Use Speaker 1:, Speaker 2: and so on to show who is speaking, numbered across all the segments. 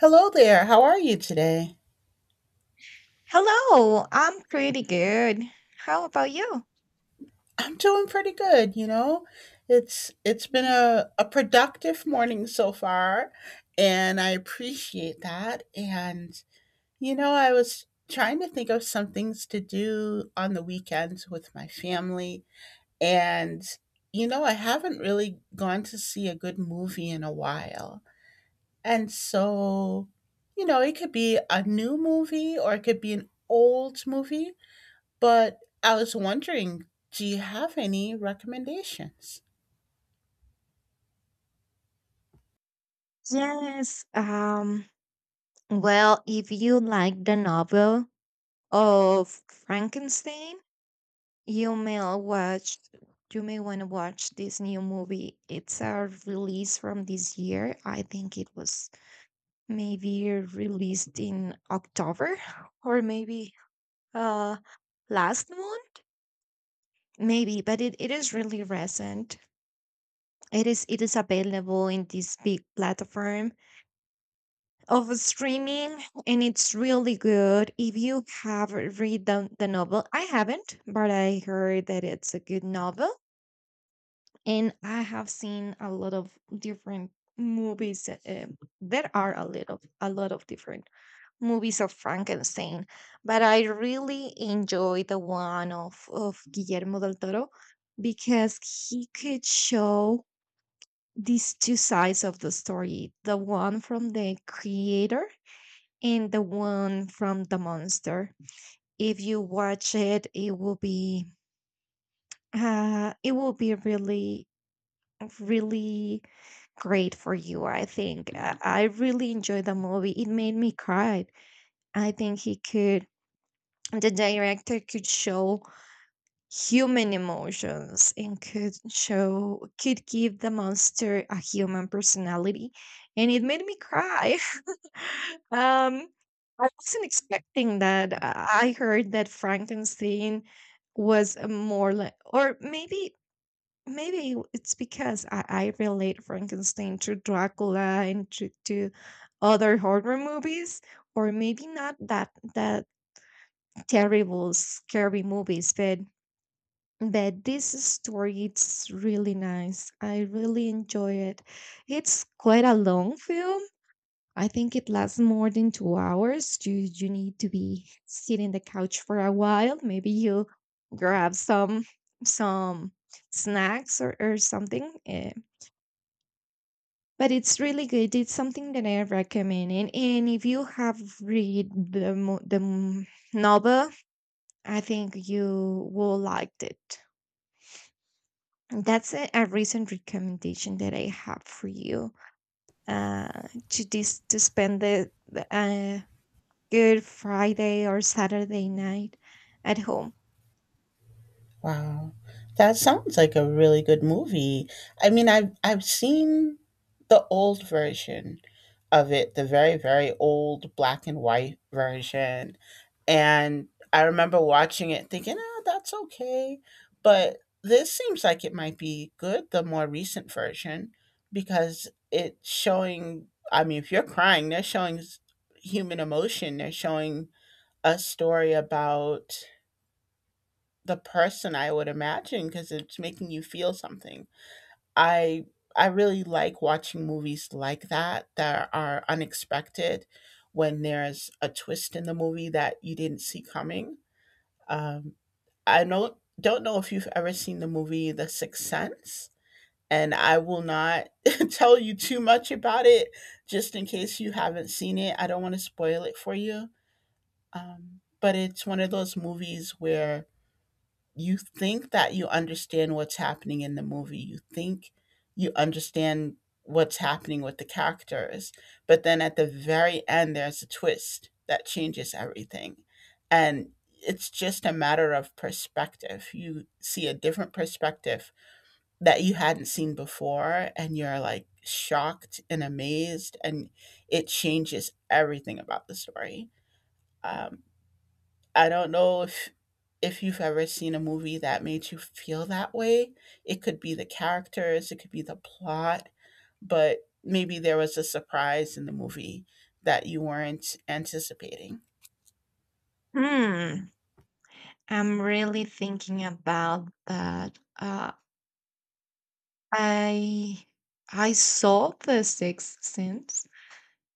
Speaker 1: Hello there. How are you today?
Speaker 2: Hello, I'm pretty good. How about you?
Speaker 1: I'm doing pretty good, you know. It's been a productive morning so far, and I appreciate that. And you know, I was trying to think of some things to do on the weekends with my family, and you know, I haven't really gone to see a good movie in a while. And so, you know, it could be a new movie or it could be an old movie. But I was wondering, do you have any recommendations?
Speaker 2: Yes, well, if you like the novel of Frankenstein, you may watch you may want to watch this new movie. It's a release from this year. I think it was maybe released in October or maybe uh last month. Maybe, but it is really recent. It is available in this big platform of streaming, and it's really good. If you have read the novel, I haven't, but I heard that it's a good novel, and I have seen a lot of different movies there are a lot of different movies of Frankenstein, but I really enjoy the one of Guillermo del Toro, because he could show these two sides of the story, the one from the creator and the one from the monster. If you watch it, it will be really really great for you. I think I really enjoyed the movie, it made me cry. I think he could The director could show human emotions, and could give the monster a human personality, and it made me cry. Um, I wasn't expecting that. I heard that Frankenstein was a more like, or maybe maybe it's because I relate Frankenstein to Dracula and to other horror movies, or maybe not that terrible scary movies, but this story, it's really nice. I really enjoy it. It's quite a long film. I think it lasts more than 2 hours. You need to be sitting the couch for a while. Maybe you grab some some snacks or something. But it's really good. It's something that I recommend. And if you have read the novel, I think you will liked it. And that's a recent recommendation that I have for you, to spend the Good Friday or Saturday night at home?
Speaker 1: Wow. That sounds like a really good movie. I mean, I've seen the old version of it, the very, very old black and white version. And I remember watching it thinking, oh, that's okay. But this seems like it might be good, the more recent version, because it's showing, I mean, if you're crying, they're showing human emotion, they're showing a story about the person I would imagine because it's making you feel something. I I really like watching movies like that that are unexpected when there's a twist in the movie that you didn't see coming. Um, I know don't know if you've ever seen the movie The Sixth Sense, and I will not tell you too much about it just in case you haven't seen it. I don't want to spoil it for you. But it's one of those movies where you think that you understand what's happening in the movie. You think you understand what's happening with the characters. But then at the very end, there's a twist that changes everything. And it's just a matter of perspective. You see a different perspective that you hadn't seen before, and you're like shocked and amazed, and it changes everything about the story. Um, I don't know if you've ever seen a movie that made you feel that way. It could be the characters, it could be the plot, but maybe there was a surprise in the movie that you weren't anticipating.
Speaker 2: Hmm, I'm really thinking about that. I I saw The Sixth Sense.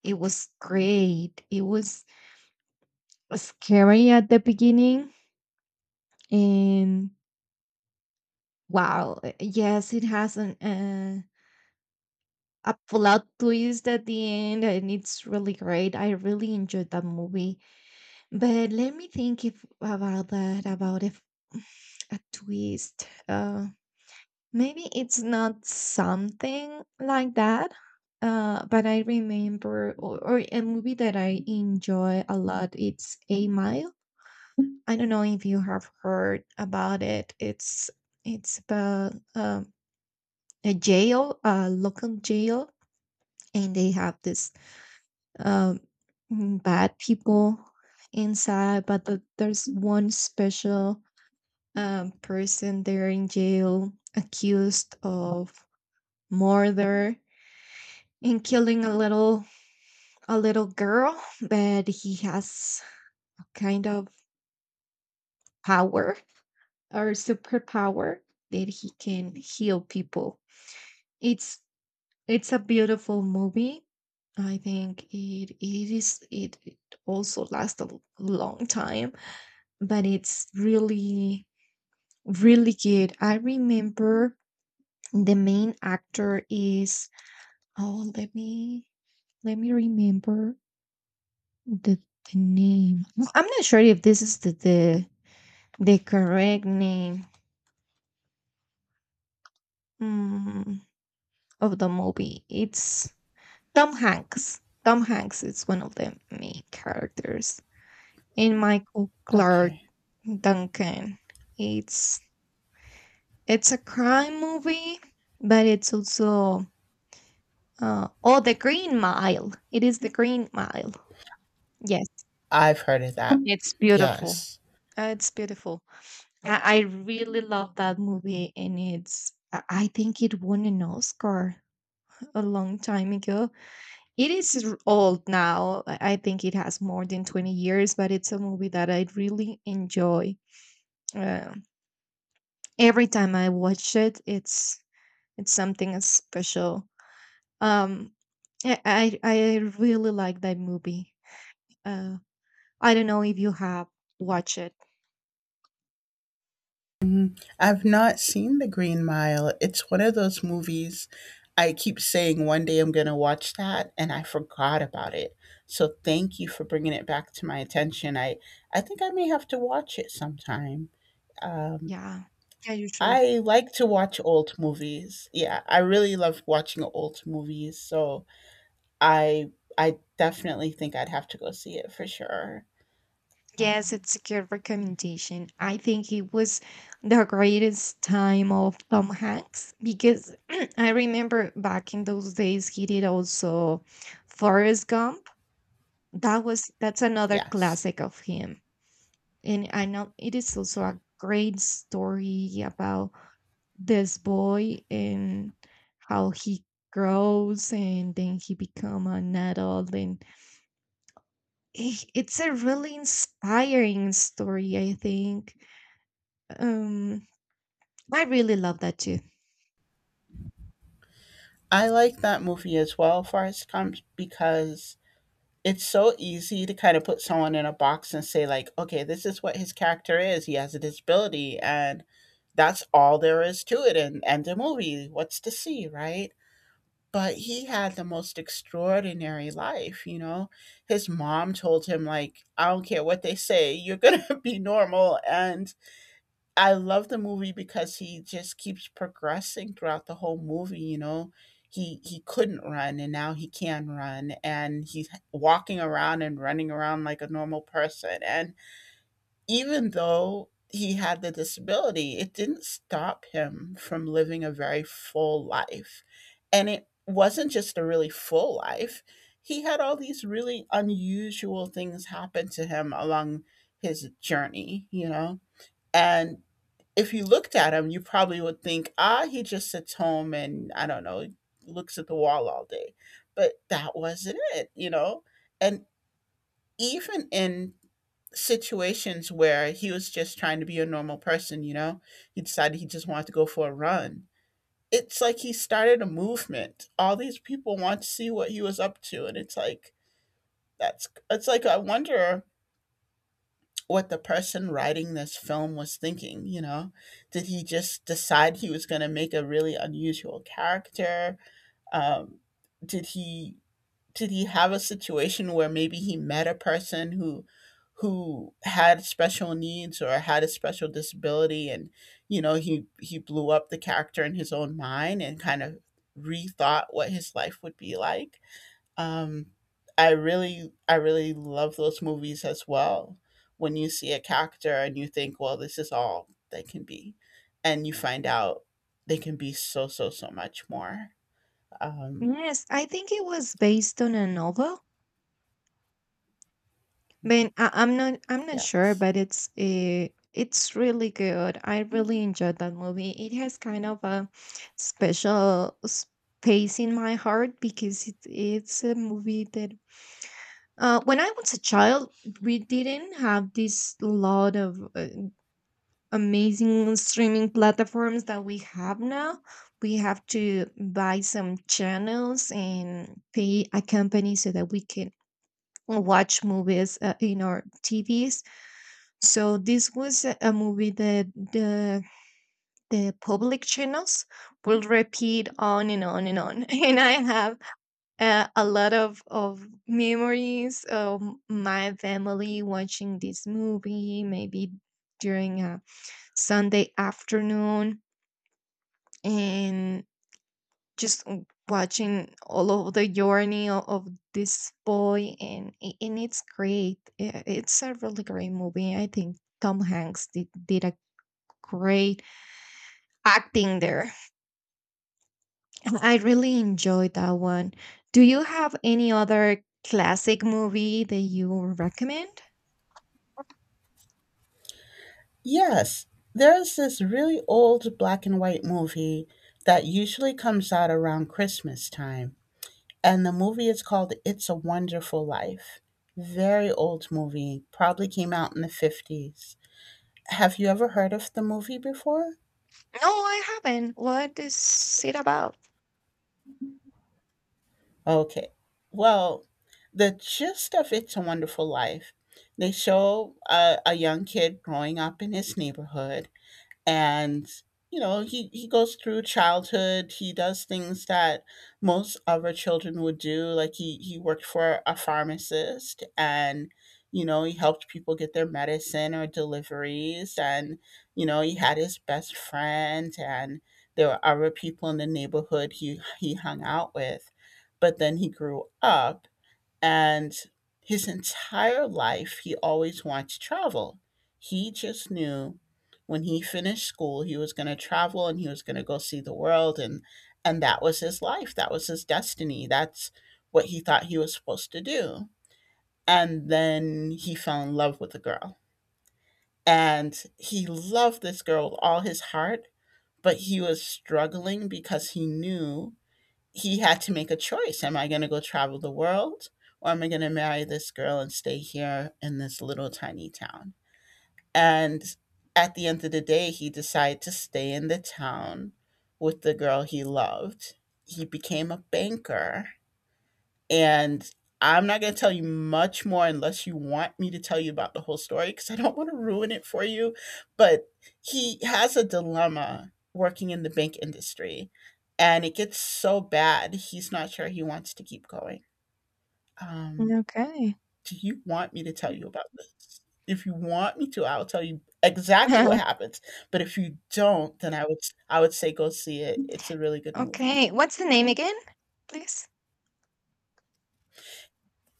Speaker 2: It was great. It was scary at the beginning, and wow, yes, it has an a plot twist at the end, and it's really great. I really enjoyed that movie. But let me think if about that about if a twist. Maybe it's not something like that. But I remember, or a movie that I enjoy a lot. It's A Mile. I don't know if you have heard about it. It's about a jail, a local jail, and they have this um, bad people inside, but there's one special person there in jail accused of murder and killing a little girl, but he has a kind of power or superpower, that he can heal people. It's it's a beautiful movie. I think it also lasts a long time, but it's really really good. I remember the main actor is, oh, let me remember the, the name. I'm not sure if this is the correct name, mm, of the movie. It's Tom Hanks. Tom Hanks is one of the main characters, and Michael Clark
Speaker 1: Okay.
Speaker 2: Duncan. It's it's a crime movie, but it's also, oh, the Green Mile. It is the Green Mile. Yes,
Speaker 1: I've heard of that.
Speaker 2: it's beautiful.
Speaker 1: Yes.
Speaker 2: It's beautiful. I really love that movie, and it's. I think it won an Oscar a long time ago. Old now. I think it has more than 20 years, but it's a movie that I really enjoy. Uh, every time I watch it, it's something special. Um, I really like that movie. Uh, I don't know if you have watched it.
Speaker 1: Mhm. I've not seen The Green Mile. It's one of those movies I keep saying one day I'm going to watch that and I forgot about it. So thank you for bringing it back to my attention. I think I may have to watch it sometime. Um,
Speaker 2: Yeah. Yeah, you should.
Speaker 1: I like to watch old movies. Yeah, I really love watching old movies. So I I definitely think I'd have to go see it for sure. Um,
Speaker 2: Yes, it's a good recommendation. I think it was the greatest time of Tom Hanks because I remember back in those days he did also Forrest Gump. That's another
Speaker 1: yes.
Speaker 2: classic of him. And I know it is also a great story about this boy and how he grows, and then he become an adult, and it's a really inspiring story, I think. um I really love that too.
Speaker 1: I like that movie as well, Forrest Gump, because it's so easy to kind of put someone in a box and say like, okay, this is what his character is, he has a disability, and that's all there is to it, and the movie what's to see, right? But he had the most extraordinary life, you know. His mom told him like, I don't care what they say, you're gonna be normal. And I love the movie because he just keeps progressing throughout the whole movie, you know. He couldn't run, and now he can run, and he's walking around and running around like a normal person. And even though he had the disability, it didn't stop him from living a very full life. And it wasn't just a really full life. He had all these really unusual things happen to him along his journey, you know. And if you looked at him, you probably would think, ah, he just sits home and I don't know, looks at the wall all day. But that wasn't it, you know? And even in situations where he was just trying to be a normal person, you know, he decided he just wanted to go for a run. It's like he started a movement. All these people want to see what he was up to. And it's like, that's, it's like, I wonder what the person writing this film was thinking, you know? Did he just decide he was going to make a really unusual character? Um, did he did he have a situation where maybe he met a person who had special needs or had a special disability? And you know, he blew up the character in his own mind and kind of rethought what his life would be like. um, I really love those movies as well. When you see a character and you think, well, this is all they can be, and you find out they can be so, so, so much more. Um,
Speaker 2: Yes, I think it was based on a novel, but I'm not sure,
Speaker 1: yes.
Speaker 2: but it's really good. I really enjoyed that movie. It has kind of a special space in my heart, because it's a movie that, when I was a child, we didn't have this lot of amazing streaming platforms that we have now. We have to buy some channels and pay a company so that we can watch movies in our TVs. So this was a movie that the public channels will repeat on and on and on. And I have a lot of memories of my family watching this movie, maybe during a Sunday afternoon, and just watching all of the journey of this boy, and and it's great. It's a really great movie. I think Tom Hanks did a great acting there. I really enjoyed that one. Do you have any other classic movie that you recommend?
Speaker 1: Yes, there's this really old black and white movie that usually comes out around Christmas time. And the movie is called It's a Wonderful Life. Very old movie, probably came out in the 50s. Have you ever heard of the movie before?
Speaker 2: No, I haven't. What is it about?
Speaker 1: Okay. Well, the gist of It's a Wonderful Life, they show a young kid growing up in his neighborhood, and you know he goes through childhood. He does things that most other children would do, like he worked for a pharmacist, and you know he helped people get their medicine or deliveries, and you know he had his best friend, and there were other people in the neighborhood he hung out with. But then he grew up, and his entire life, he always wanted to travel. He just knew when he finished school, he was going to travel and he was going to go see the world. And that was his life. That was his destiny. That's what he thought he was supposed to do. And then he fell in love with a girl. And he loved this girl with all his heart, but he was struggling because he knew he had to make a choice. Am I going to go travel the world, or am I going to marry this girl and stay here in this little tiny town? And at the end of the day, he decided to stay in the town with the girl he loved. He became a banker, and I'm not going to tell you much more unless you want me to tell you about the whole story, because I don't want to ruin it for you. But he has a dilemma working in the bank industry, and it gets so bad, he's not sure he wants to keep going. Um,
Speaker 2: Okay.
Speaker 1: do you want me to tell you about this? If you want me to, I'll tell you exactly what happens. But if you don't, then I would say go see it. It's a really good movie.
Speaker 2: Okay, what's the name again, please?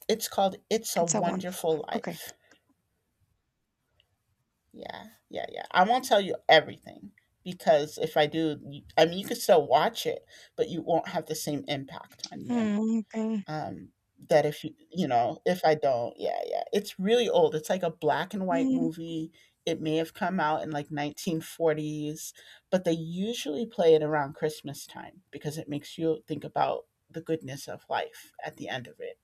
Speaker 1: It's called It's a
Speaker 2: It's a Wonderful Life.
Speaker 1: Wonderful
Speaker 2: Okay.
Speaker 1: Life. Yeah, yeah, yeah. I won't tell you everything, because if I do, you, I mean, you could still watch it, but you won't have the same impact on you.
Speaker 2: Mm, okay.
Speaker 1: Um, that if you, you know, if I don't, yeah, yeah. It's really old. It's like a black and white
Speaker 2: Mm,
Speaker 1: movie. It may have come out in like 1940s, but they usually play it around Christmas time because it makes you think about the goodness of life at the end of it.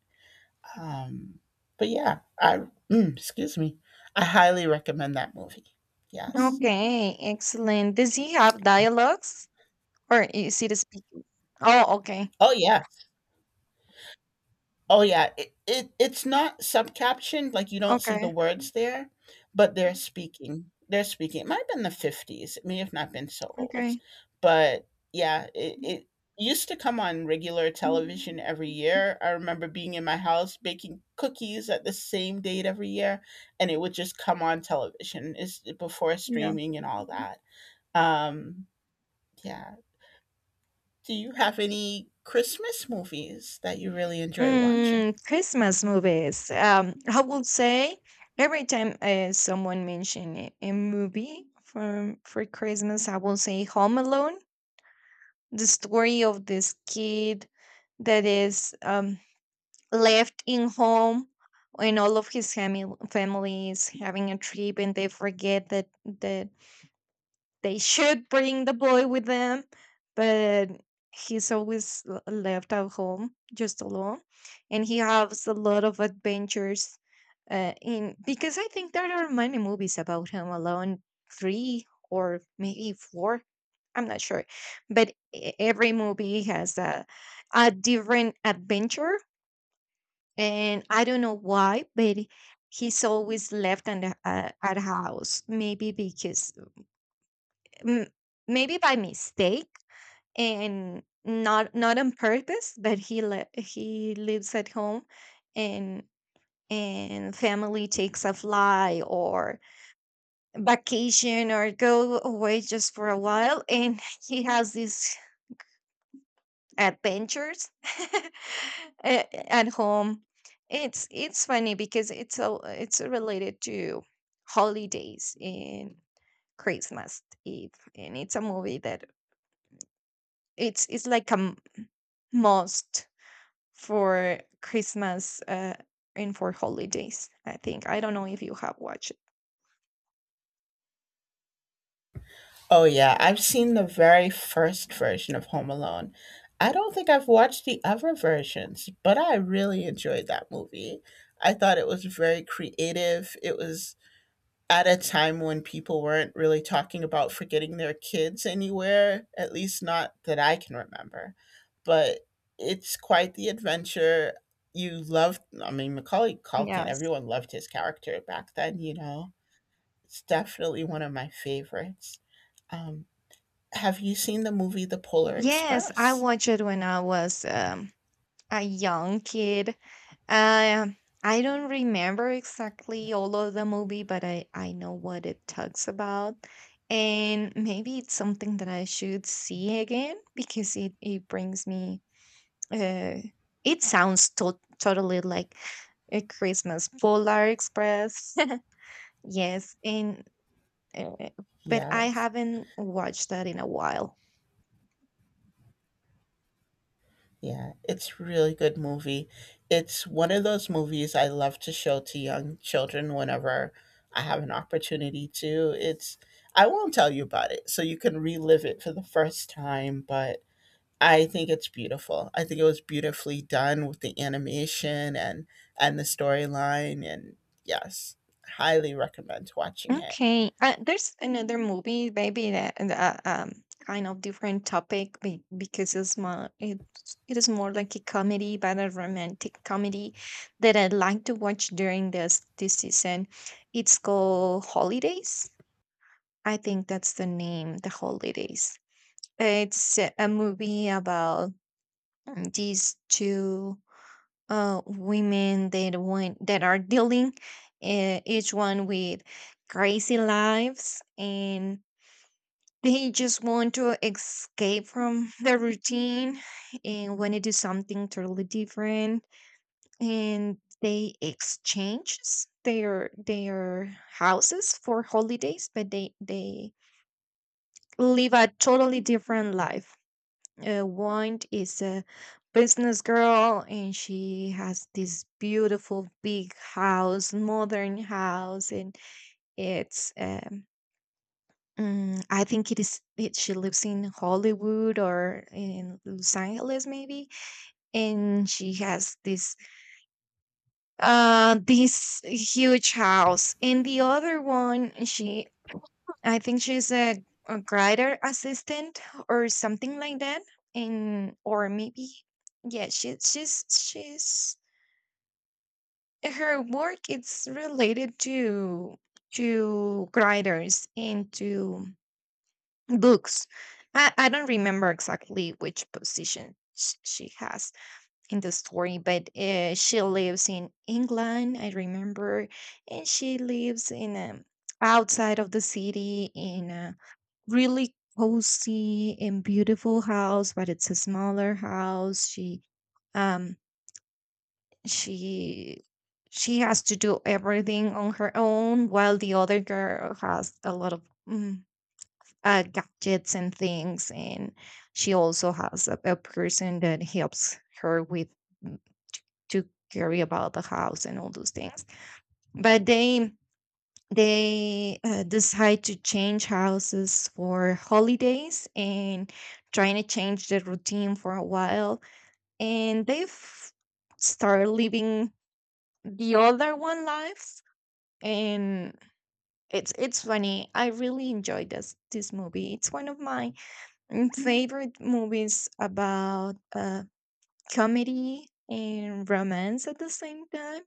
Speaker 1: Um, but yeah, excuse me, I highly recommend that movie. Yes.
Speaker 2: okay, excellent. Does he have dialogues or is it a speaking? Oh, okay.
Speaker 1: Oh yeah. Oh yeah. It's not subcaptioned, like you don't see the
Speaker 2: Okay.
Speaker 1: words there, but they're speaking. They're speaking. It might have been 50s. It may have not been so old,
Speaker 2: Okay.
Speaker 1: but yeah, it. It used to come on regular television every year. I remember being in my house baking cookies at the same date every year, and it would just come on television. Is before
Speaker 2: Yeah.
Speaker 1: streaming and all that. Um, yeah. Do you have any Christmas movies that you really enjoy watching?
Speaker 2: Mm, Christmas movies. I would say every time someone mention a movie from for Christmas, I will say Home Alone, the story of this kid that is left in home when all of his family is having a trip, and they forget that they should bring the boy with them. But he's always left at home just alone, and he has a lot of adventures, in because I think there are many movies about him alone, three or maybe four, I'm not sure, but every movie has a different adventure. And I don't know why, but he's always left on at house. Maybe because m- maybe by mistake and not on purpose, but he lives at home, and and family takes a fly or vacation or go away just for a while, and he has this adventures at home. It's funny because it's related to holidays in Christmas Eve, and it's a movie that it's like must for Christmas and for holidays. I think, I don't know if you have watched. It.
Speaker 1: Oh yeah, I've seen the very first version of Home Alone. I don't think I've watched the other versions, but I really enjoyed that movie. I thought it was very creative. It was at a time when people weren't really talking about forgetting their kids anywhere, at least not that I can remember. But it's quite the adventure. You loved, I mean, Macaulay Culkin,
Speaker 2: Yes,
Speaker 1: everyone loved his character back then, you know. It's definitely one of my favorites. Um, have you seen the movie The Polar
Speaker 2: yes, I
Speaker 1: Express?
Speaker 2: watched it when I was a young kid. Um, I don't remember exactly all of the movie, but I know what it talks about. And maybe it's something that I should see again, because it brings me, uh, it sounds totally like a Christmas Polar Express. Yes. And, uh, but I
Speaker 1: Yes.
Speaker 2: haven't watched that in a while.
Speaker 1: Yeah, it's really good movie. It's one of those movies I love to show to young children whenever I have an opportunity to. It's I won't tell you about it so you can relive it for the first time, but I think it's beautiful. I think it was beautifully done with the animation and the storyline and yes, highly recommend watching it.
Speaker 2: Okay, there's another movie, maybe that kind of different topic, because it is more like a comedy, but a romantic comedy, that I like to watch during this season. It's called Holidays. I think that's the name, The Holidays. It's a movie about these two women that that are dealing, each one with crazy lives, and they just want to escape from the routine, and want to do something totally different, and they exchange their houses for holidays, but they live a totally different life. One is a business girl, and she has this beautiful big house, modern house, and it's um, I think it is it she lives in Hollywood or in Los Angeles, maybe, and she has this this huge house, and the other one, she, I think she's a grider assistant or something like that. And or maybe, yeah, she's her work, it's related to grinders and to books. I don't remember exactly which position she has in the story, but she lives in England, I remember, and she lives in outside of the city in a really cozy and beautiful house, but it's a smaller house. She um she she has to do everything on her own while the other girl has a lot of mm, gadgets and things, and she also has a person that helps her with mm, to carry about the house and all those things. But they decide to change houses for holidays and trying to change the routine for a while, and they've started living, the other one lives, and it's funny. I really enjoyed this movie. It's one of my favorite movies about comedy and romance at the same time.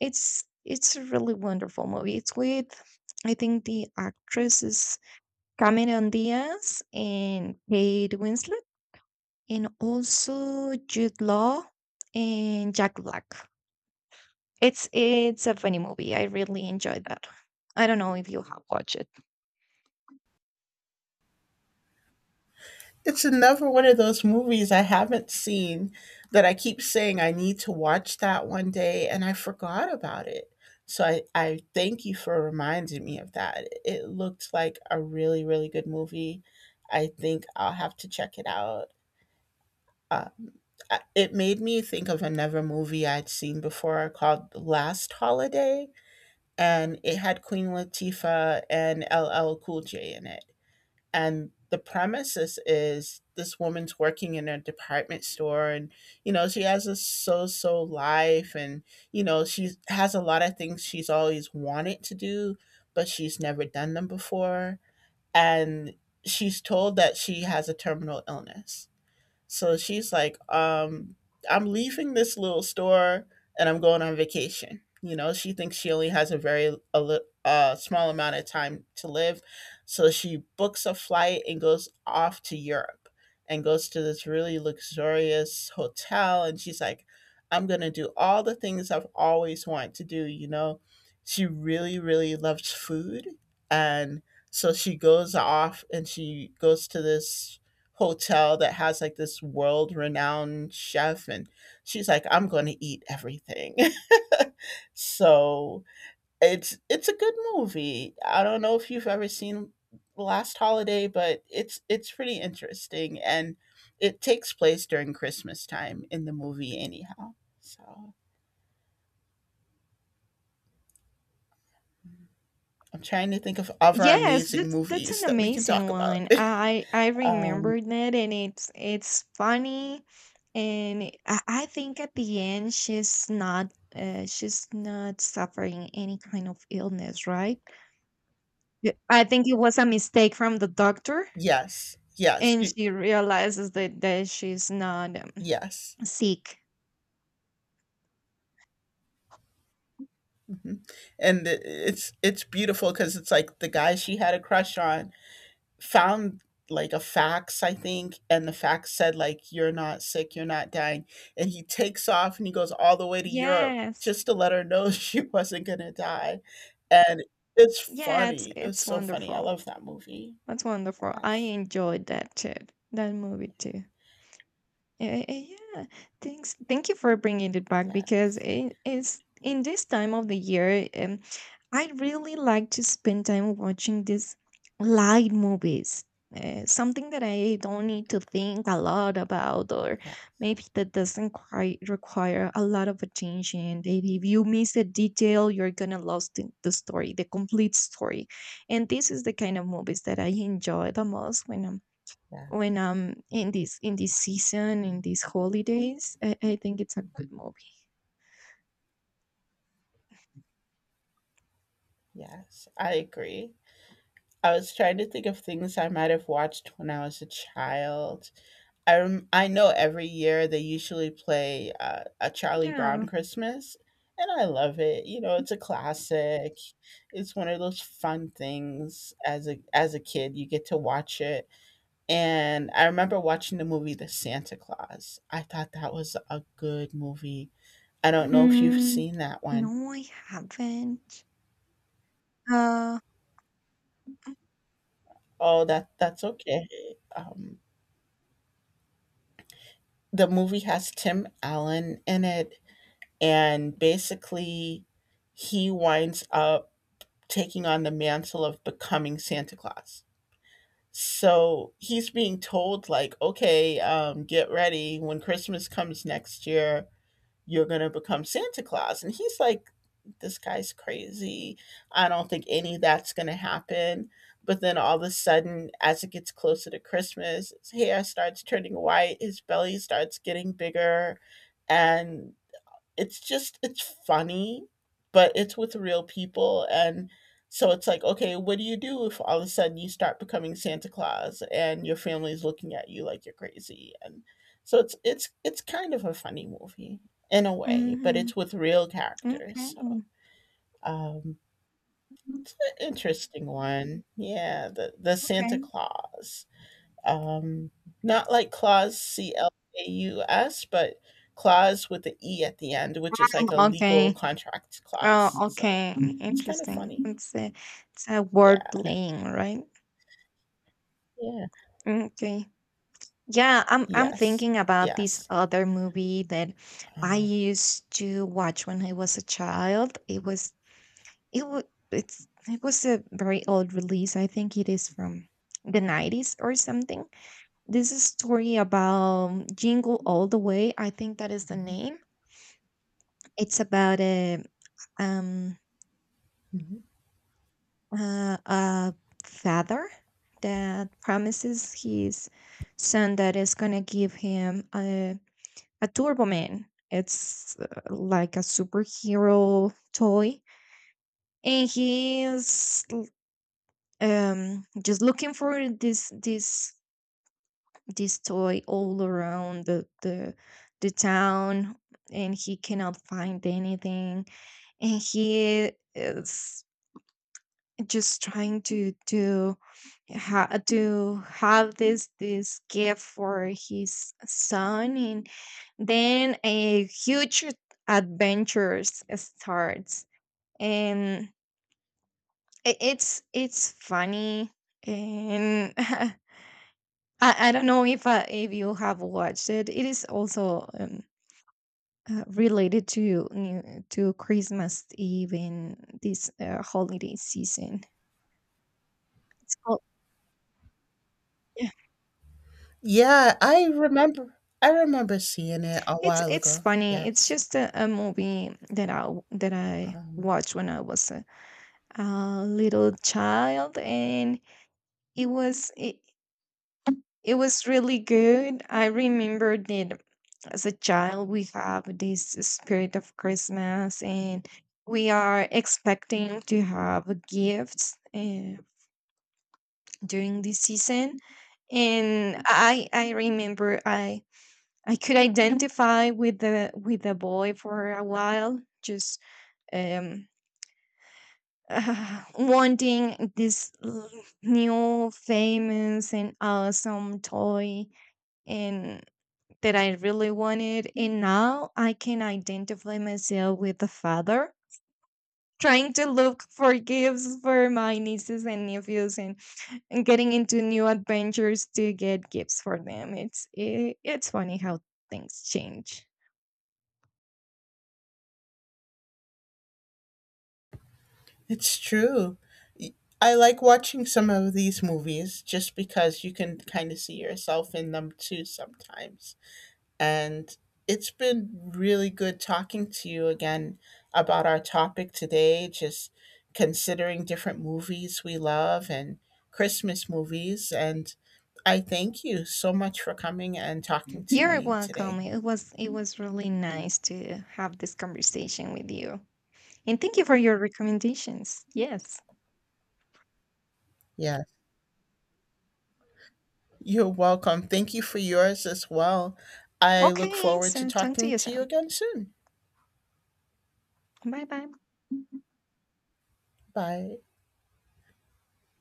Speaker 2: It's a really wonderful movie. It's with, I think, the actress is Cameron Diaz and Kate Winslet, and also Jude Law and Jack Black. It's a funny movie. I really enjoyed that. I don't know if you have watched it.
Speaker 1: It's another one of those movies I haven't seen that I keep saying I need to watch that one day, and I forgot about it. So I thank you for reminding me of that. It looked like a really, really good movie. I think I'll have to check it out. Um, it made me think of another movie I'd seen before called Last Holiday, and it had Queen Latifah and LL Cool J in it. And the premises is this woman's working in a department store, and you know she has a so so life, and you know she has a lot of things she's always wanted to do, but she's never done them before. And she's told that she has a terminal illness, so she's like, I'm leaving this little store and I'm going on vacation. You know, she thinks she only has a very a small amount of time to live. So she books a flight and goes off to Europe and goes to this really luxurious hotel. And she's like, I'm going to do all the things I've always wanted to do. You know, she really, really loves food. And so she goes off and she goes to this hotel that has like this world renowned chef, and she's like, I'm going to eat everything. So it's a good movie. I don't know if you've ever seen Last Holiday, but it's pretty interesting, and it takes place during Christmas time in the movie anyhow. So I'm trying to think of other
Speaker 2: Yes,
Speaker 1: amazing
Speaker 2: that's
Speaker 1: movies
Speaker 2: an
Speaker 1: that we can
Speaker 2: amazing
Speaker 1: talk about.
Speaker 2: one. I
Speaker 1: um
Speaker 2: remembered that, and it's funny, and I think at the end she's not suffering any kind of illness, right? Yeah, I think it was a mistake from the doctor,
Speaker 1: yes, yes,
Speaker 2: and
Speaker 1: you-
Speaker 2: she realizes that she's not
Speaker 1: yes.
Speaker 2: sick.
Speaker 1: Mhm. And it's beautiful because it's like the guy she had a crush on found, like, a fax, I think, and the fax said, like, "You're not sick, you're not dying," and he takes off and he goes all the way to Europe
Speaker 2: Yes,
Speaker 1: just to let her know she wasn't gonna die, and it's
Speaker 2: yeah, it's
Speaker 1: funny. It was
Speaker 2: it's
Speaker 1: so funny. I
Speaker 2: wonderful.
Speaker 1: love that movie.
Speaker 2: That's wonderful. I
Speaker 1: Yes.
Speaker 2: enjoyed that too. That movie too. Eh, eh, yeah, thanks. Thank you for bringing it back because
Speaker 1: Yes.
Speaker 2: it is in this time of the year. I really like to spend time watching these light movies. Something that I don't need to think a lot about, or
Speaker 1: Yeah,
Speaker 2: maybe that doesn't quite require a lot of attention. Maybe if you miss a detail, you're gonna lose the story, the complete story. And this is the kind of movies that I enjoy the most when I'm
Speaker 1: yeah,
Speaker 2: when in this season, in these holidays, I think it's a good movie.
Speaker 1: yes, I agree. I was trying to think of things I might have watched when I was a child. I know every year they usually play a Charlie Brown
Speaker 2: Yeah.
Speaker 1: Christmas, and I love it. You know, it's a classic. It's one of those fun things as a kid you get to watch it. And I remember watching the movie The Santa Claus. I thought that was a good movie. I don't know if you've
Speaker 2: mm,
Speaker 1: seen that one.
Speaker 2: no, I haven't. uh
Speaker 1: Oh, that's okay. Um, the movie has Tim Allen in it, and basically he winds up taking on the mantle of becoming Santa Claus. So he's being told, like, okay, get ready. When Christmas comes next year, you're going to become Santa Claus. And he's like, this guy's crazy. I don't think any of that's going to happen. But then all of a sudden, as it gets closer to Christmas, his hair starts turning white, his belly starts getting bigger, and it's just it's funny, but it's with real people. And so it's like, okay, what do you do if all of a sudden you start becoming Santa Claus and your family's looking at you like you're crazy? And so it's kind of a funny movie in a way, but
Speaker 2: hmm
Speaker 1: it's with real characters.
Speaker 2: okay.
Speaker 1: So, um, it's an interesting one. Yeah, the Santa
Speaker 2: Okay.
Speaker 1: Claus, um, not like Claus, C L A U S, but Claus with the E at the end, which is like a legal
Speaker 2: Okay.
Speaker 1: contract
Speaker 2: Oh,
Speaker 1: clause. So
Speaker 2: okay,
Speaker 1: it's kind of
Speaker 2: interesting.
Speaker 1: funny.
Speaker 2: It's a word
Speaker 1: Yeah.
Speaker 2: playing, right?
Speaker 1: Yeah.
Speaker 2: Okay. Yeah, I'm
Speaker 1: Yes.
Speaker 2: thinking about this
Speaker 1: Yes.
Speaker 2: other movie that I
Speaker 1: Um,
Speaker 2: used to watch when I was a child. It was, It wa it's, it was a very old release. I think it is from the 90s or something. This is story about Jingle All the Way. I think that is the
Speaker 1: mhm,
Speaker 2: name. It's about um
Speaker 1: mhm.
Speaker 2: a father that promises his son that is gonna give him a Turbo Man. It's like a superhero toy, and he is just looking for this toy all around the town, and he cannot find anything. And he is just trying to to have this gift for his son, and then a huge adventures starts. And it's funny. And I don't know if you have watched it. It is also related to to Christmas Eve in this holiday season. It's called. Yeah.
Speaker 1: Yeah, I remember. I remember seeing it a
Speaker 2: It's
Speaker 1: while
Speaker 2: it's
Speaker 1: ago.
Speaker 2: funny. It's
Speaker 1: Yes.
Speaker 2: just a movie that that I
Speaker 1: Um,
Speaker 2: watched when I was a little child. And it was it was really good. I remember that as a child we have this spirit of Christmas, and we are expecting to have gifts during this season. And I remember I could identify with the boy for a while, just um wanting new famous and awesome toy, and that I really wanted. And now I can identify myself with the father, trying to look for gifts for my nieces and nephews, and getting into new adventures to get gifts for them. It's funny how things change.
Speaker 1: it's true. I like watching some of these movies just because you can kind of see yourself in them too sometimes. And it's been really good talking to you again about our topic today, just considering different movies we love and Christmas movies. And I thank you so much for coming and talking to
Speaker 2: You're
Speaker 1: me
Speaker 2: welcome.
Speaker 1: today.
Speaker 2: It was, it was really nice to have this conversation with you. And thank you for your recommendations. Yes.
Speaker 1: Yes, you're welcome. Thank you for yours as well. I look
Speaker 2: Okay,
Speaker 1: forward to
Speaker 2: so talk to
Speaker 1: talking
Speaker 2: you
Speaker 1: to you
Speaker 2: soon.
Speaker 1: again soon.
Speaker 2: Bye bye.
Speaker 1: Bye.